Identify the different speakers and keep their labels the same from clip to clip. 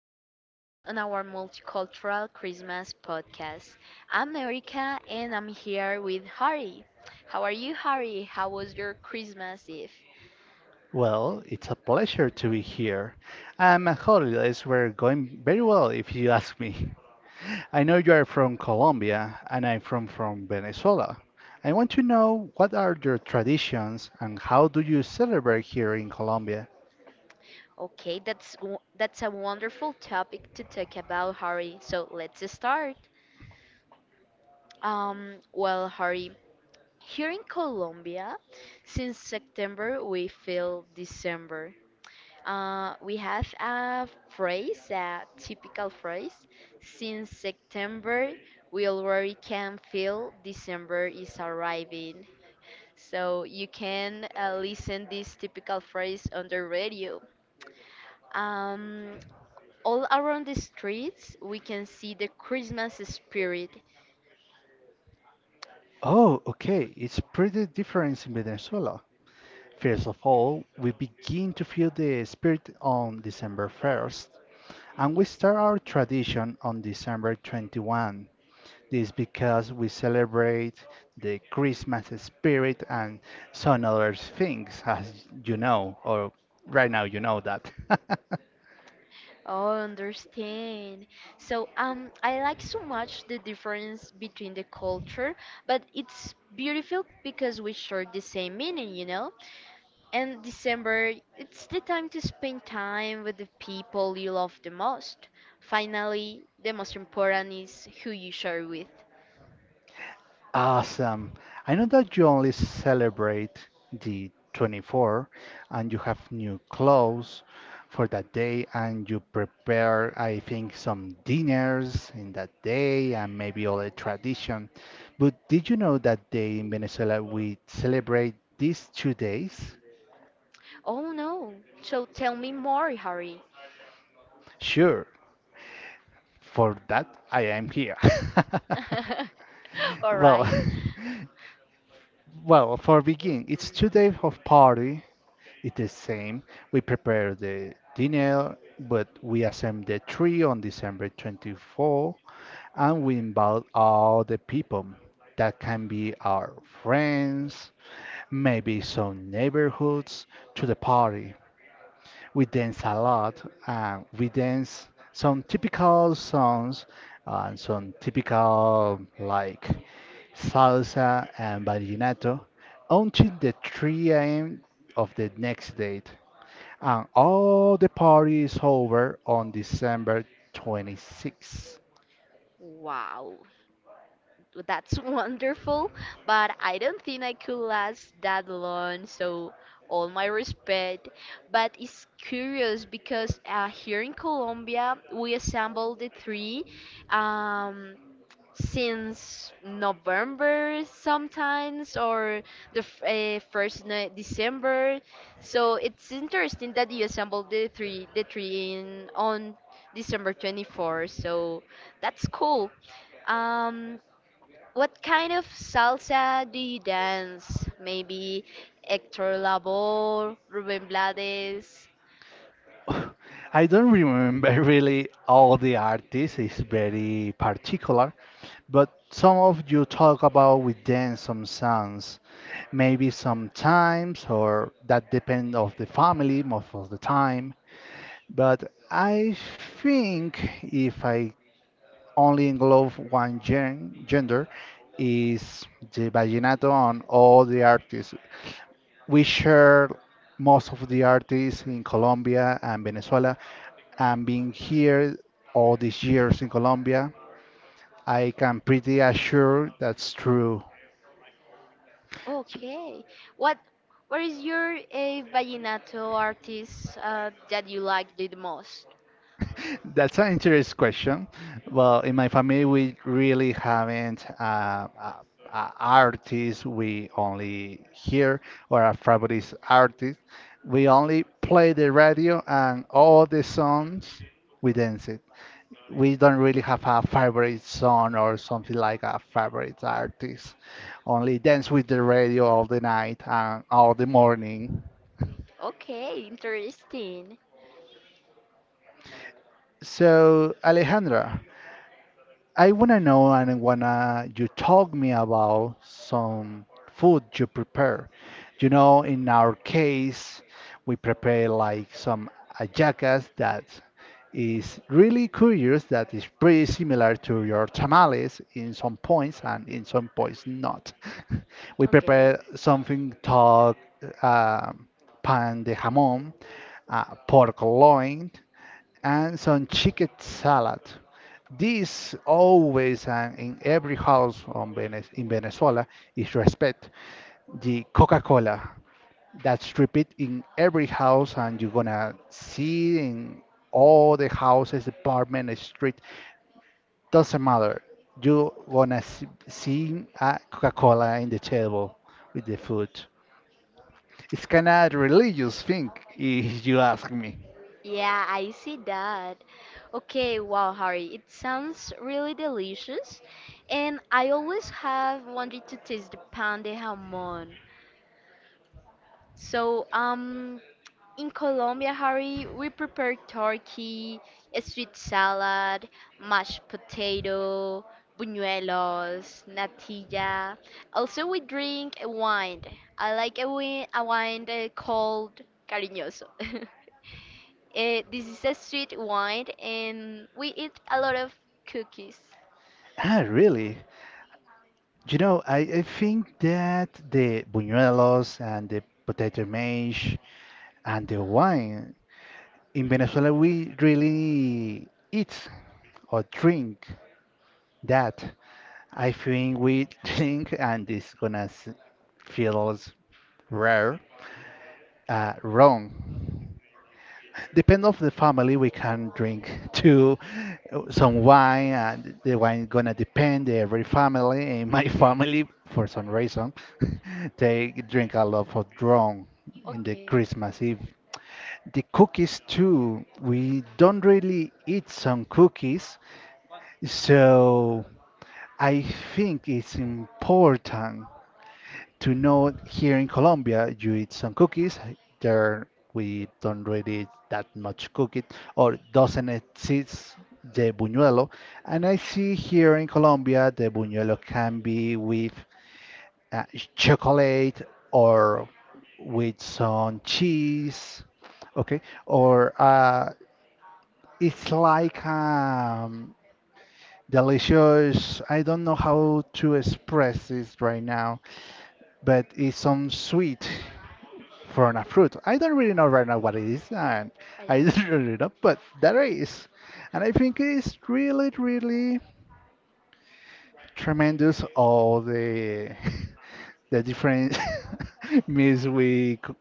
Speaker 1: joining us on our multicultural Christmas podcast. I'm Erika and I'm here with Harry. How are you, Harry? How was your Christmas Eve?
Speaker 2: Well, it's a pleasure to be here. And my holidays were going very well, if you ask me. I know you are from Colombia and I'm from Venezuela. I want to know what are your traditions and how do you celebrate here in Colombia?
Speaker 1: Okay, that's a wonderful topic to talk about, Harry. So let's start. Harry, here in Colombia, since September we feel December. We have a phrase, a typical phrase. Since September, we already can feel December is arriving. So you can listen this typical phrase on the radio. Um, all around the streets, we can see the Christmas spirit.
Speaker 2: Oh, okay, it's pretty different in Venezuela. First of all, we begin to feel the spirit on December 1st, and we start our tradition on December 21st. This because we celebrate the Christmas spirit and some other things, as you know, or right now you know that.
Speaker 1: Oh, understand. So, I like so much the difference between the culture, but it's beautiful because we share the same meaning, you know? And December, it's the time to spend time with the people you love the most. Finally, the most important is who you share with.
Speaker 2: Awesome. I know that you only celebrate the 24th and you have new clothes for that day and you prepare, I think, some dinners in that day and maybe all the tradition. But did you know that day in Venezuela we celebrate these 2 days?
Speaker 1: Oh no, so tell me more, Harry.
Speaker 2: Sure, for that, I am here. Correct.
Speaker 1: All
Speaker 2: Well,
Speaker 1: right.
Speaker 2: correct. Well, for begin, it's 2 days of party. It's the same. We prepare the dinner, but we assemble the tree on December 24th, and we invite all the people. That can be our friends, maybe some neighborhoods, to the party. We dance a lot. And we dance some typical songs and some typical like salsa and vallenato until the 3 a.m. of the next day. And all the party is over on December 26th.
Speaker 1: Wow. That's wonderful, but I don't think I could last that long, so all my respect. But it's curious because here in Colombia, we assembled the three um, since November sometimes or the f- first ni- December. So it's interesting that you assembled the three in, on December 24. So that's cool. Um, what kind of salsa do you dance? Maybe Hector Lavoe, Rubén Blades.
Speaker 2: I don't remember really all the artists, it's very particular, but some of you talk about we dance some songs maybe sometimes or that depend of the family most of the time, but I think if I only englobe one gender is the vallenato. On all the artists, we share most of the artists in Colombia and Venezuela, and being here all these years in Colombia, I can pretty assure that's true.
Speaker 1: Okay. What what is your vallenato artist that you like the most?
Speaker 2: That's an interesting question. Well, in my family, we really haven't artists. We only hear or our favorite artist. We only play the radio and all the songs we dance it. We don't really have a favorite song or something like a favorite artist. Only dance with the radio all the night and all the morning.
Speaker 1: Okay, interesting.
Speaker 2: So, Alejandra, I wanna know and I wanna you talk me about some food you prepare. You know, in our case, we prepare like some hallacas that is really curious, that is pretty similar to your tamales in some points and in some points not. We
Speaker 1: Okay.
Speaker 2: prepare something called um pan de jamón, pork loin, and some chicken salad. This always and in every house in Venezuela is respect. The Coca-Cola that's repeat in every house, and you're gonna see in all the houses, apartment, street. Doesn't matter. You're gonna see a Coca-Cola in the table with the food. It's kind of religious thing, if you ask me.
Speaker 1: Yeah, I see that. Okay, wow, Harry, it sounds really delicious, and I always have wanted to taste the pan de jamon. So, in Colombia, Harry, we prepare turkey, a sweet salad, mashed potato, buñuelos, natilla. Also, we drink a wine. I like a wine called cariñoso. Eh, this is a sweet wine, and we eat a lot of cookies.
Speaker 2: Ah, really? You know, I think that the buñuelos and the potato mash and the wine in Venezuela we really eat or drink that. I think we drink and it's gonna feels rare, wrong. Depend of the family we can drink too some wine and the wine gonna depend every family in my family for some reason they drink a lot of rum in the
Speaker 1: Okay.
Speaker 2: Christmas Eve. The cookies too, we don't really eat some cookies, so I think it's important to know here in Colombia, you eat some cookies. There, we don't really eat that much cookies, or doesn't exist the buñuelo. And I see here in Colombia, the buñuelo can be with uh, chocolate or with some cheese. Okay, or it's like delicious. I don't know how to express this right now, but it's some sweet from a fruit. I don't really know right now what it is, and
Speaker 1: Vaya.
Speaker 2: I don't really know, but there is. And I think it's really, really tremendous all the the different means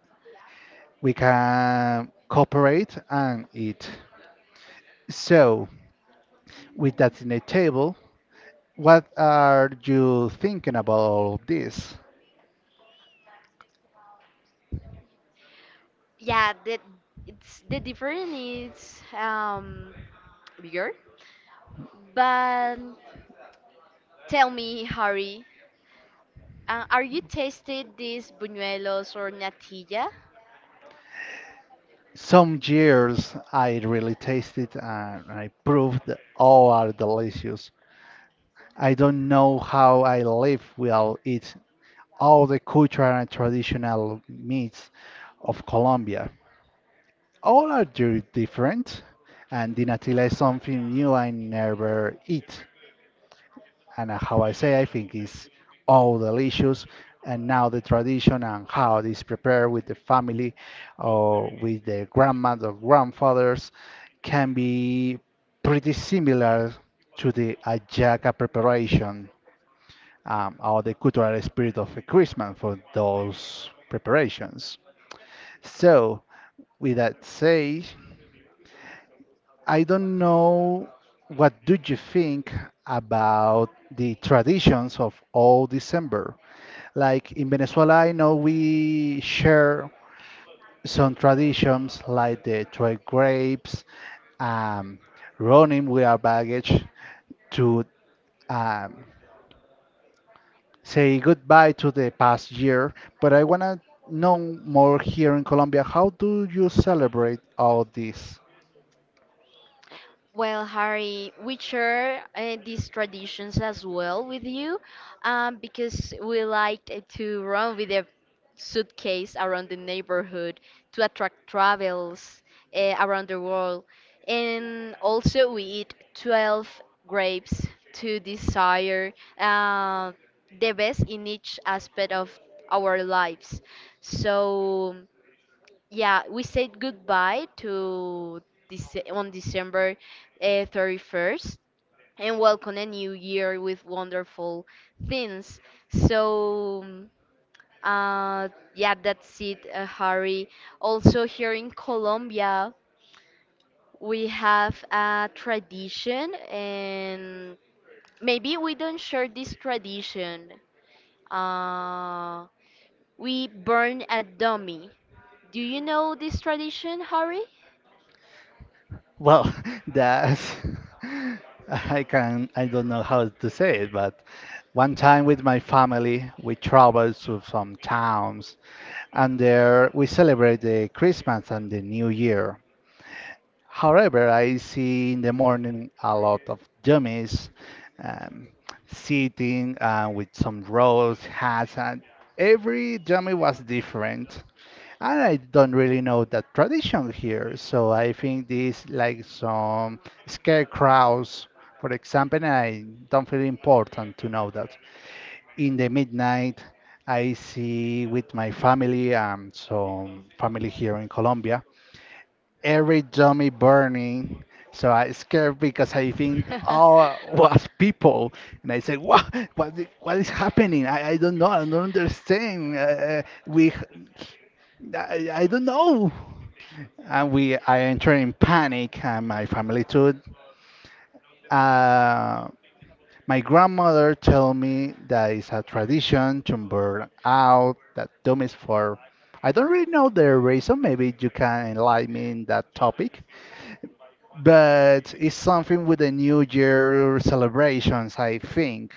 Speaker 2: we can cooperate and eat. So, with that in the table, what are you thinking about all of this?
Speaker 1: Yeah, the, it's the difference is bigger, but tell me, Harry, are you tasted these buñuelos or natilla?
Speaker 2: Some years I really tasted and I proved that all are delicious. I don't know how I live without eat all the cultural and traditional meats of Colombia. All are different, and dinatila is something new I never eat. And how I say, I think it's all delicious. And now the tradition and how it is prepared with the family or with the grandmas or grandfathers can be pretty similar to the ajaca preparation or the cultural spirit of Christmas for those preparations. So, with that said, I don't know what do you think about the traditions of all December. Like in Venezuela, I know we share some traditions like the trade grapes, um, running with our baggage to um, say goodbye to the past year, but I want to know more here in Colombia. How do you celebrate all this?
Speaker 1: Well, Harry, we share these traditions as well with you because we like to run with a suitcase around the neighborhood to attract travels around the world. And also, we eat 12 grapes to desire the best in each aspect of our lives. So, yeah, we said goodbye to this on December 31st and welcome a new year with wonderful things. So, uh, yeah, that's it, Harry. Also, here in Colombia, we have a tradition, and maybe we don't share this tradition. Uh, we burn a dummy. Do you know this tradition, Harry?
Speaker 2: Well, that's I don't know how to say it, but one time with my family we traveled to some towns and there we celebrate the Christmas and the New Year. However, I see in the morning a lot of dummies um, sitting with some rolls, hats, and every dummy was different. And I don't really know the tradition here, so I think this like some scarecrows, for example, and I don't feel important to know that. In the midnight, I see with my family, some family here in Colombia every dummy burning. So I scared because I think all was people, and I said, "What? What? What is happening? I don't know. I don't understand. I don't know." And I enter in panic, and my family too. Uh, my grandmother told me that it's a tradition to burn out that dummies for. I don't really know the reason. Maybe you can enlighten me in that topic. But it's something with the New Year celebrations, I think.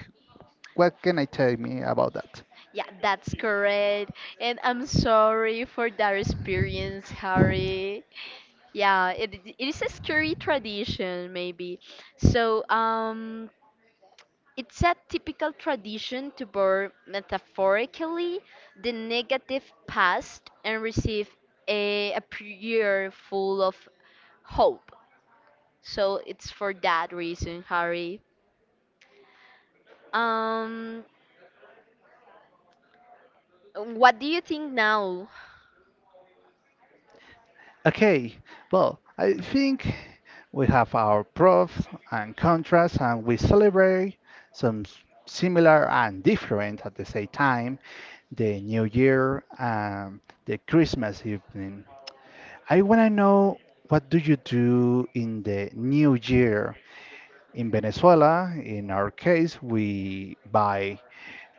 Speaker 2: What can I tell me about that?
Speaker 1: Yeah, that's correct. And I'm sorry for that experience, Harry. Yeah, it is a scary tradition, maybe. So, it's a typical tradition to borrow metaphorically the negative past and receive a prayer full of hope. So, it's for that reason, Harry. Um, what do you think now?
Speaker 2: Okay, well, I think we have our pros and contrasts, and we celebrate some similar and different at the same time the New Year and the Christmas evening. I want to know what do you do in the New Year in Venezuela? In our case, we buy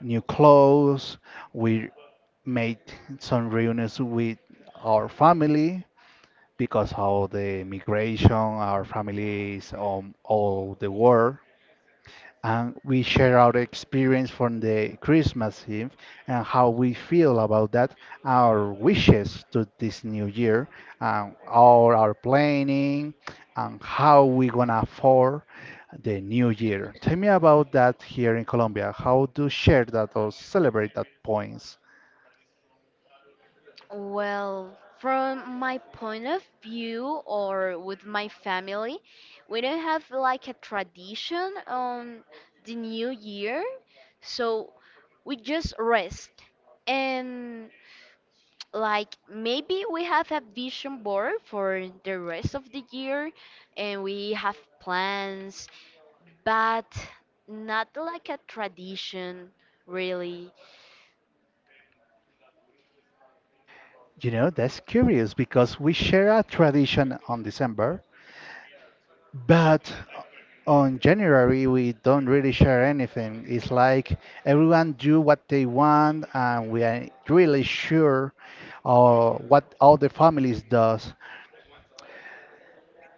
Speaker 2: new clothes. We made some reunions with our family because of the migration, our family is all the world and we share our experience from the Christmas Eve and how we feel about that, our wishes to this new year, and all our planning, and how we gonna for the new year. Tell me about that here in Colombia. How do share that or celebrate that points?
Speaker 1: Well, from my point of view or with my family, we don't have like a tradition on the new year, so we just rest. And like maybe we have a vision board for the rest of the year and we have plans, but not like a tradition really.
Speaker 2: You know, that's curious because we share a tradition on December. But on January, we don't really share anything. It's like everyone do what they want, and we are really sure what all the families does.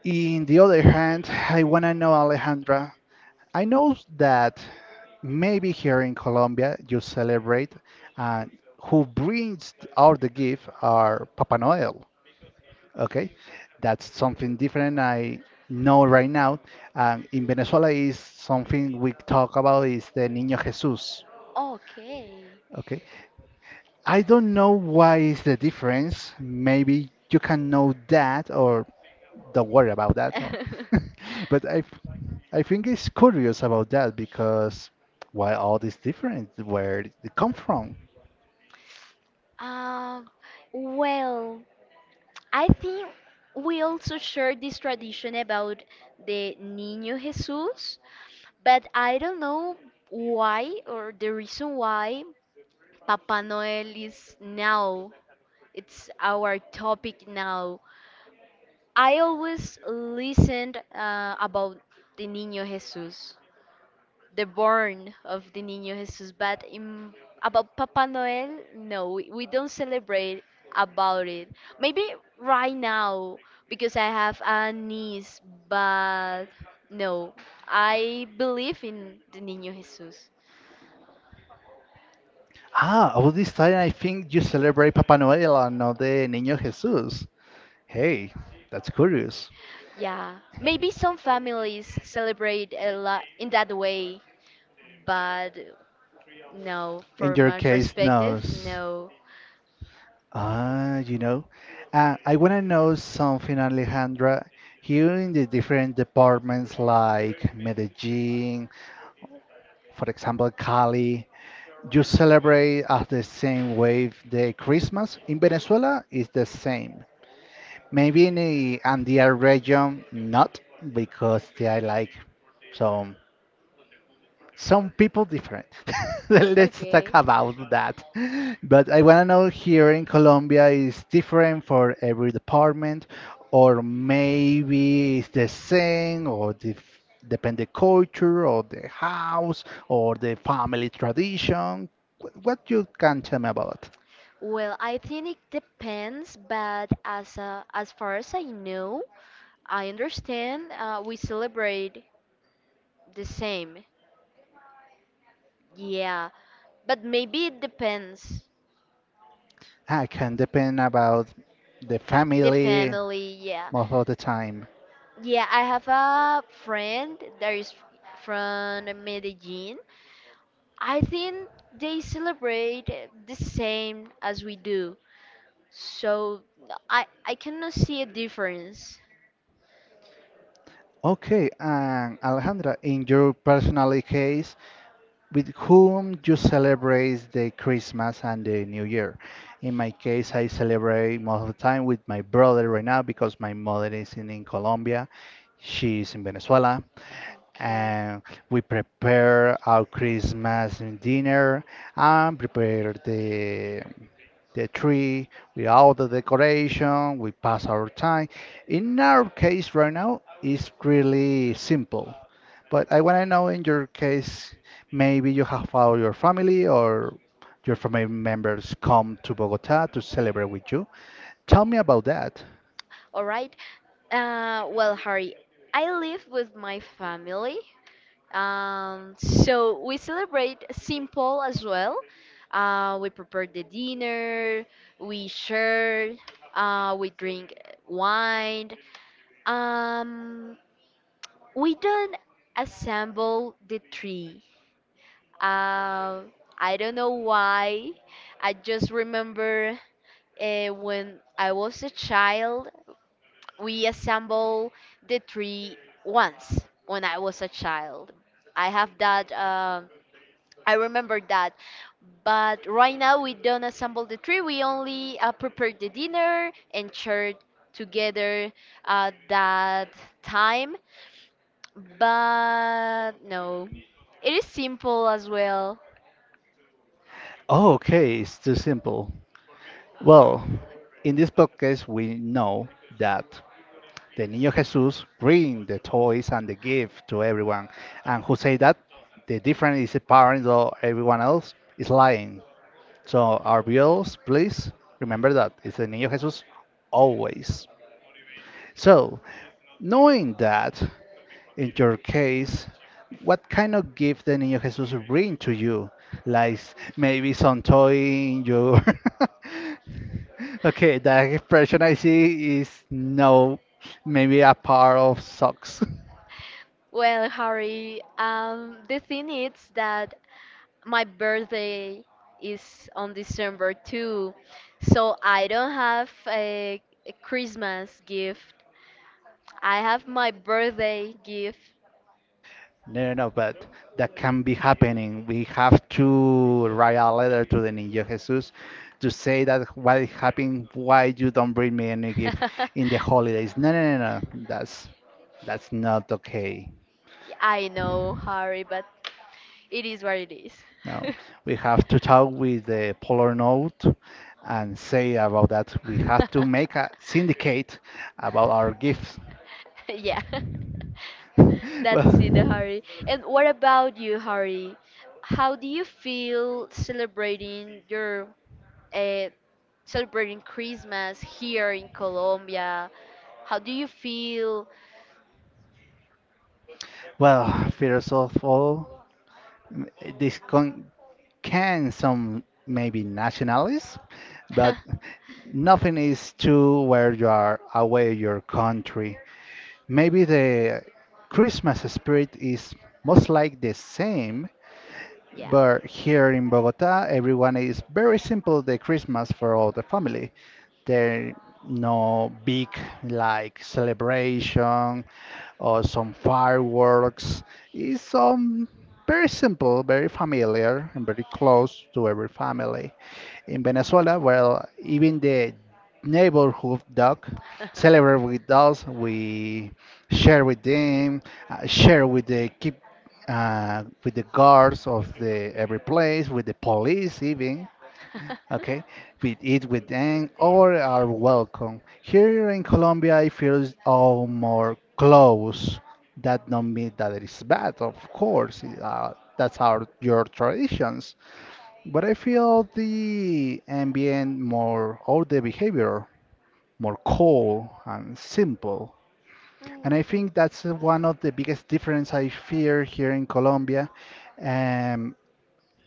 Speaker 2: In the other hand, I wanna know Alejandra. I know that maybe here in Colombia you celebrate, and who brings out the gift are Papa Noel. Okay, that's something different I know right now. And in Venezuela is something we talk about is the Niño Jesus.
Speaker 1: Okay.
Speaker 2: Okay, I don't know why is the difference. Maybe you can know that or don't worry about that. But I think it's curious about that because why all this difference? Where did it come from?
Speaker 1: Um, well, I think we also share this tradition about the Niño Jesus, but I don't know why or the reason why Papa Noel is now. It's our topic now. I always listened about the Niño Jesus. The born of the Niño Jesus, but in, about Papa Noel, no, we don't celebrate about it. Maybe right now because I have a niece, but no, I believe in the Niño Jesus.
Speaker 2: Ah, all this time I think you celebrate Papa Noel and not the Niño Jesus. Hey, that's curious.
Speaker 1: Yeah, maybe some families celebrate a lot in that way, but no,
Speaker 2: In
Speaker 1: from
Speaker 2: your
Speaker 1: my
Speaker 2: case,
Speaker 1: perspective,
Speaker 2: knows.
Speaker 1: no.
Speaker 2: Ah, I want to know something, Alejandra. Here in the different departments like Medellin, for example, Cali, you celebrate at the same way the Christmas. In Venezuela, it's the same. Maybe in the Andean region, not because they are like some some people different. Let's talk
Speaker 1: Okay.
Speaker 2: about that. But I want to know here in Colombia is different for every department, or maybe it's the same, or the, depend the culture, or the house, or the family tradition. What you can tell me about?
Speaker 1: Well, I think it depends, but as far as I know, I understand we celebrate the same. Yeah, but maybe it depends.
Speaker 2: I can depend about the
Speaker 1: The
Speaker 2: family
Speaker 1: family, yeah.
Speaker 2: most of the time.
Speaker 1: Yeah, I have a friend that is from Medellin. I think they celebrate the same as we do. So I cannot see a difference.
Speaker 2: Okay, and Alejandra, in your personal case, with whom you celebrate the Christmas and the New Year. In my case, I celebrate most of the time with my brother right now because my mother is in Colombia, she's in Venezuela,
Speaker 1: Okay.
Speaker 2: and we prepare our Christmas dinner and prepare the tree with all the decoration. We pass our time. In our case right now, it's really simple. But I want to know in your case, maybe you have all your family or your family members come to Bogota to celebrate with you. Tell me about that.
Speaker 1: All right. Harry, I live with my family. So we celebrate simple as well. We prepare the dinner, we share, we drink wine. Um, we don't assemble the tree. Uh, I don't know why. I just remember when I was a child, we assemble the tree once when I was a child. I have that. I remember that. But right now we don't assemble the tree. We only prepare the dinner and share together that time. But no, it is simple as well.
Speaker 2: Oh, okay, it's too simple. Well, in this podcast, we know that the Niño Jesus bring the toys and the gift to everyone, and who say that the different is the parents or everyone else is lying. So our viewers, please remember that it's the Niño Jesus always. So knowing that, in your case, what kind of gift the Niño Jesus bring to you? Like maybe some toy in your. Okay, that expression I see is no, maybe a pair of socks.
Speaker 1: Well, Harry, the thing is that my birthday is on December too, so I don't have a Christmas gift. I have my birthday gift.
Speaker 2: No, no, no, but that can be happening. We have to write a letter to the Niño Jesus to say that what is happening, why you don't bring me any gift in the holidays. No, no, no, no. That's not okay.
Speaker 1: I know, Harry, but it is what it is.
Speaker 2: No, we have to talk with the Polar Note and say about that. We have to make a syndicate about our gifts.
Speaker 1: Yeah. That's it,
Speaker 2: well,
Speaker 1: Hari. And what about you, Hari? How do you feel celebrating your uh, celebrating Christmas here in Colombia? How do you feel?
Speaker 2: well, first of all, m- this con- can some maybe nationalists, but nothing is too where you are away your country. Maybe the Christmas spirit is most like the same.
Speaker 1: Yeah.
Speaker 2: But here in Bogota, everyone is very simple the Christmas for all the family. There no big like celebration or some fireworks. It's very simple, very familiar and very close to every family in Venezuela. Well, even the neighborhood dog celebrate with us. We share with them, share with the keep with the guards of the every place, with the police even. Okay, we eat with them or are welcome. Here in Colombia, it feels all more close. That don't mean that it is bad, of course. That's our your traditions, but I feel the ambient more or the behavior more cold and simple. And I think that's one of the biggest difference I fear here in Colombia. Um,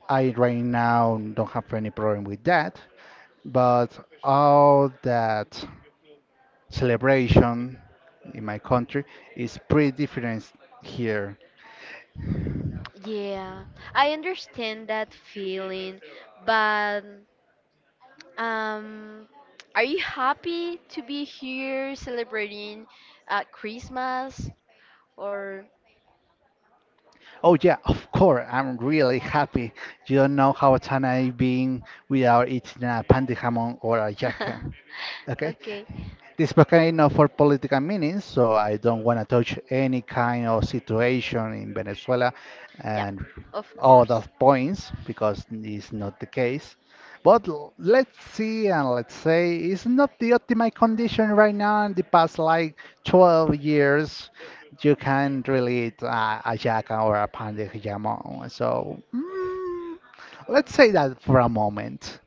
Speaker 2: I right now don't have any problem with that, but all that celebration in my country is pretty different here.
Speaker 1: Yeah. I understand that feeling, but Um, are you happy to be here celebrating Christmas or?
Speaker 2: Oh yeah, of course. I'm really happy. You don't know how excited I've been without eating a pandi jamon or a yaca. Okay.
Speaker 1: Okay.
Speaker 2: This podcast is not for political meanings, so I don't want to touch any kind of situation in Venezuela
Speaker 1: Yeah,
Speaker 2: and
Speaker 1: of
Speaker 2: all
Speaker 1: course.
Speaker 2: those points because it's not the case. But let's see and let's say it's not the optimal condition right now. In the past like 12 years you can not really eat a jackal or a pan de jamon. So let's say that for a moment.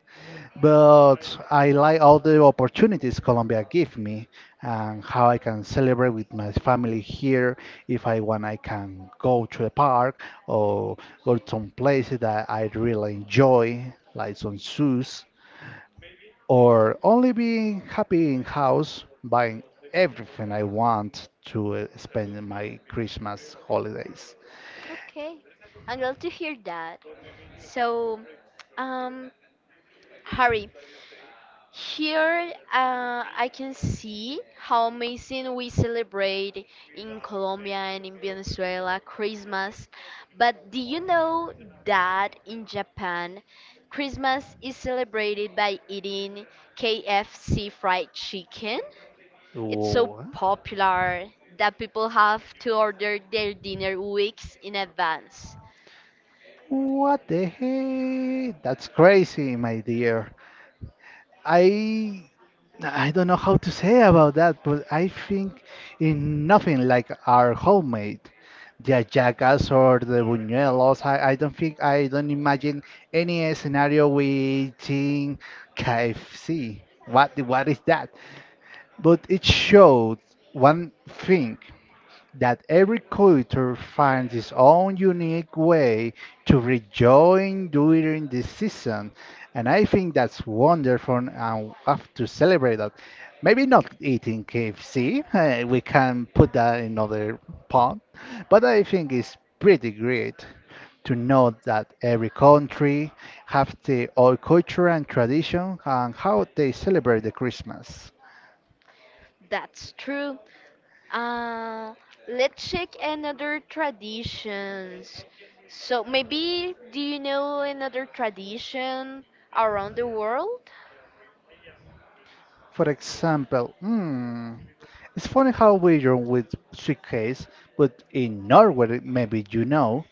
Speaker 2: But I like all the opportunities Colombia give me and how I can celebrate with my family here. If I want, I can go to a park or go to some places that I really enjoy, like some zoos, or only being happy in house buying everything I want to spend my Christmas holidays.
Speaker 1: Okay, I'm glad to hear that. So, um, Harry, here, I can see how amazing we celebrate in Colombia and in Venezuela Christmas. But do you know that in Japan, Christmas is celebrated by eating KFC fried chicken? It's so
Speaker 2: Wha-
Speaker 1: popular that people have to order their dinner weeks in advance.
Speaker 2: What the heck? That's crazy, my dear. I I don't know how to say about that, but I think in nothing like our homemade. The Jackass or the Buñuelos. I don't think I don't imagine any scenario with Team KFC. What is that? But it showed one thing that every culture finds its own unique way to rejoin during this season. And I think that's wonderful and we have to celebrate that. Maybe not eating KFC, we can put that in another pot, but I think it's pretty great to know that every country have their own culture and tradition and how they celebrate the Christmas.
Speaker 1: That's true. Uh, let's check another traditions. So maybe do you know another tradition around the world?
Speaker 2: For example, It's funny how we are with suitcase, but in Norway, maybe you know,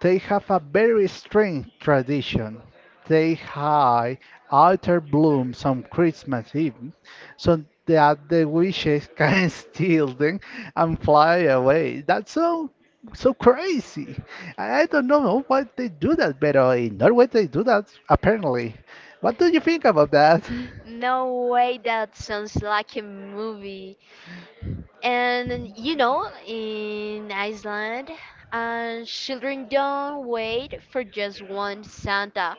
Speaker 2: they have a very strange tradition. They hide altar blooms on Christmas Eve so that the witches can steal them and fly away. That's so crazy. I don't know why they do that, but in Norway they do that apparently. What do you think about that?
Speaker 1: No way, that sounds like a movie. And you know, in Iceland, children don't wait for just one Santa.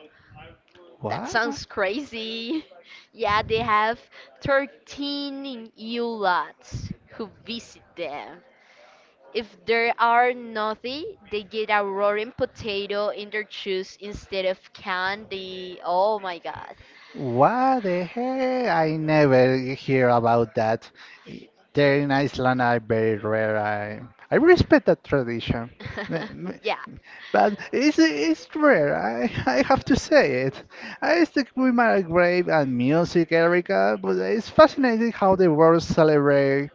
Speaker 1: That
Speaker 2: What?
Speaker 1: sounds crazy. Yeah, they have 13 Yule lads who visit them. If there are nothing, they get a roaring potato in their juice instead of candy. Oh my god.
Speaker 2: What the heck? I never hear about that. I- There in Iceland are very rare. I respect that tradition. M- m-
Speaker 1: Yeah,
Speaker 2: But it's rare, I have to say it. I stick with my grave and music, Erica, but it's fascinating how the world celebrates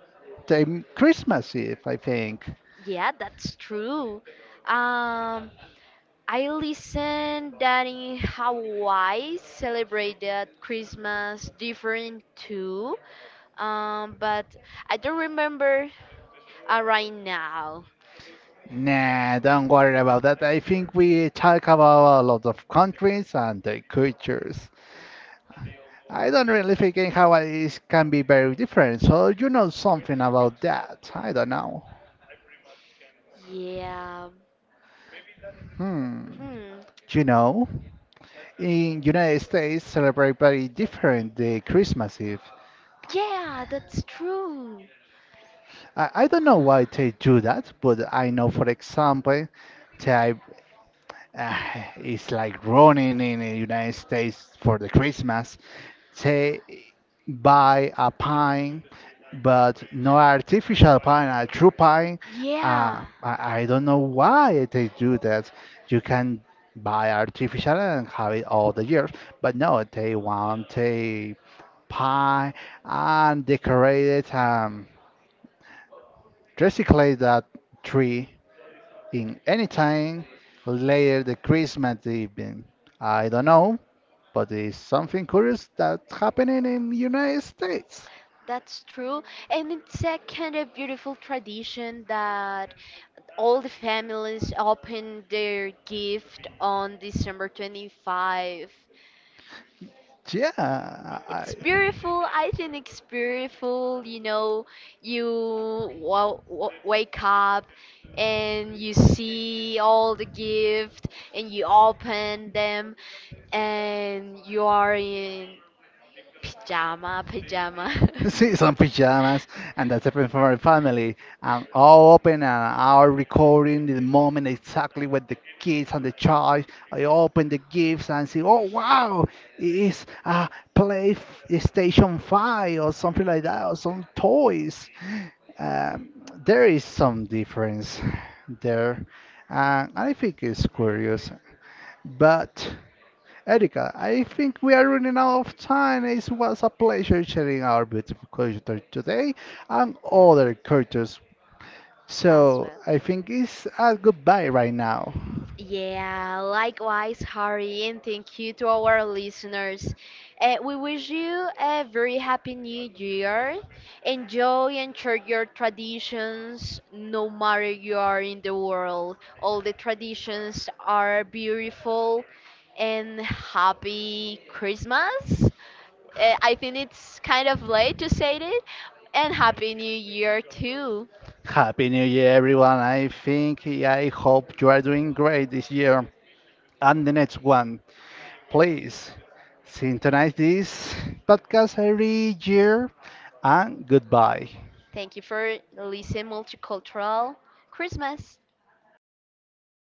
Speaker 2: Christmas Eve, I think.
Speaker 1: yeah, that's true. Um, I listened that in Hawaii celebrated Christmas different too. But I don't remember right now.
Speaker 2: Nah, don't worry about that. I think we talk about a lot of countries and their cultures. I don't really think in Hawaii can be very different, so you know something about that. I don't know.
Speaker 1: Yeah.
Speaker 2: Hmm.
Speaker 1: Hmm.
Speaker 2: You know, in United States celebrate very different the Christmas Eve.
Speaker 1: Yeah, that's true.
Speaker 2: I don't know why they do that, but I know for example that uh, it's like running in the United States for the Christmas. Say buy a pine, but no artificial pine, a true pine.
Speaker 1: Yeah.
Speaker 2: I don't know why they do that. You can buy artificial and have it all the years, but no, they want a pine and decorate it and recycle that tree in any time later the Christmas evening. I don't know, but it's something curious that's happening in United States.
Speaker 1: That's true. And it's a kind of beautiful tradition that all the families open their gift on December 25.
Speaker 2: Yeah, I,
Speaker 1: It's beautiful. I think it's beautiful. You know, you wake up and you see all the gift and you open them and you are in pajama.
Speaker 2: see some pajamas, and that's happened for my family. And all open and our recording the moment exactly with the kids and the child. I open the gifts and see, oh wow, it's a play station five or something like that, or some toys. Um, there is some difference there, and I think it's curious, but. Erika, I think we are running out of time. It was a pleasure sharing our beautiful culture today and other cultures.
Speaker 1: as
Speaker 2: So
Speaker 1: well.
Speaker 2: I think it's a goodbye right now.
Speaker 1: Yeah, likewise, Harry, and thank you to our listeners. We wish you a very happy new year. Enjoy and share your traditions no matter you are in the world. All the traditions are beautiful and happy Christmas. I think it's kind of late to say it, and happy new year too.
Speaker 2: Happy New Year, everyone. I think yeah, I hope you are doing great this year and the next one. Please synchronize this podcast every year and goodbye.
Speaker 1: Thank you for listening Multicultural Christmas.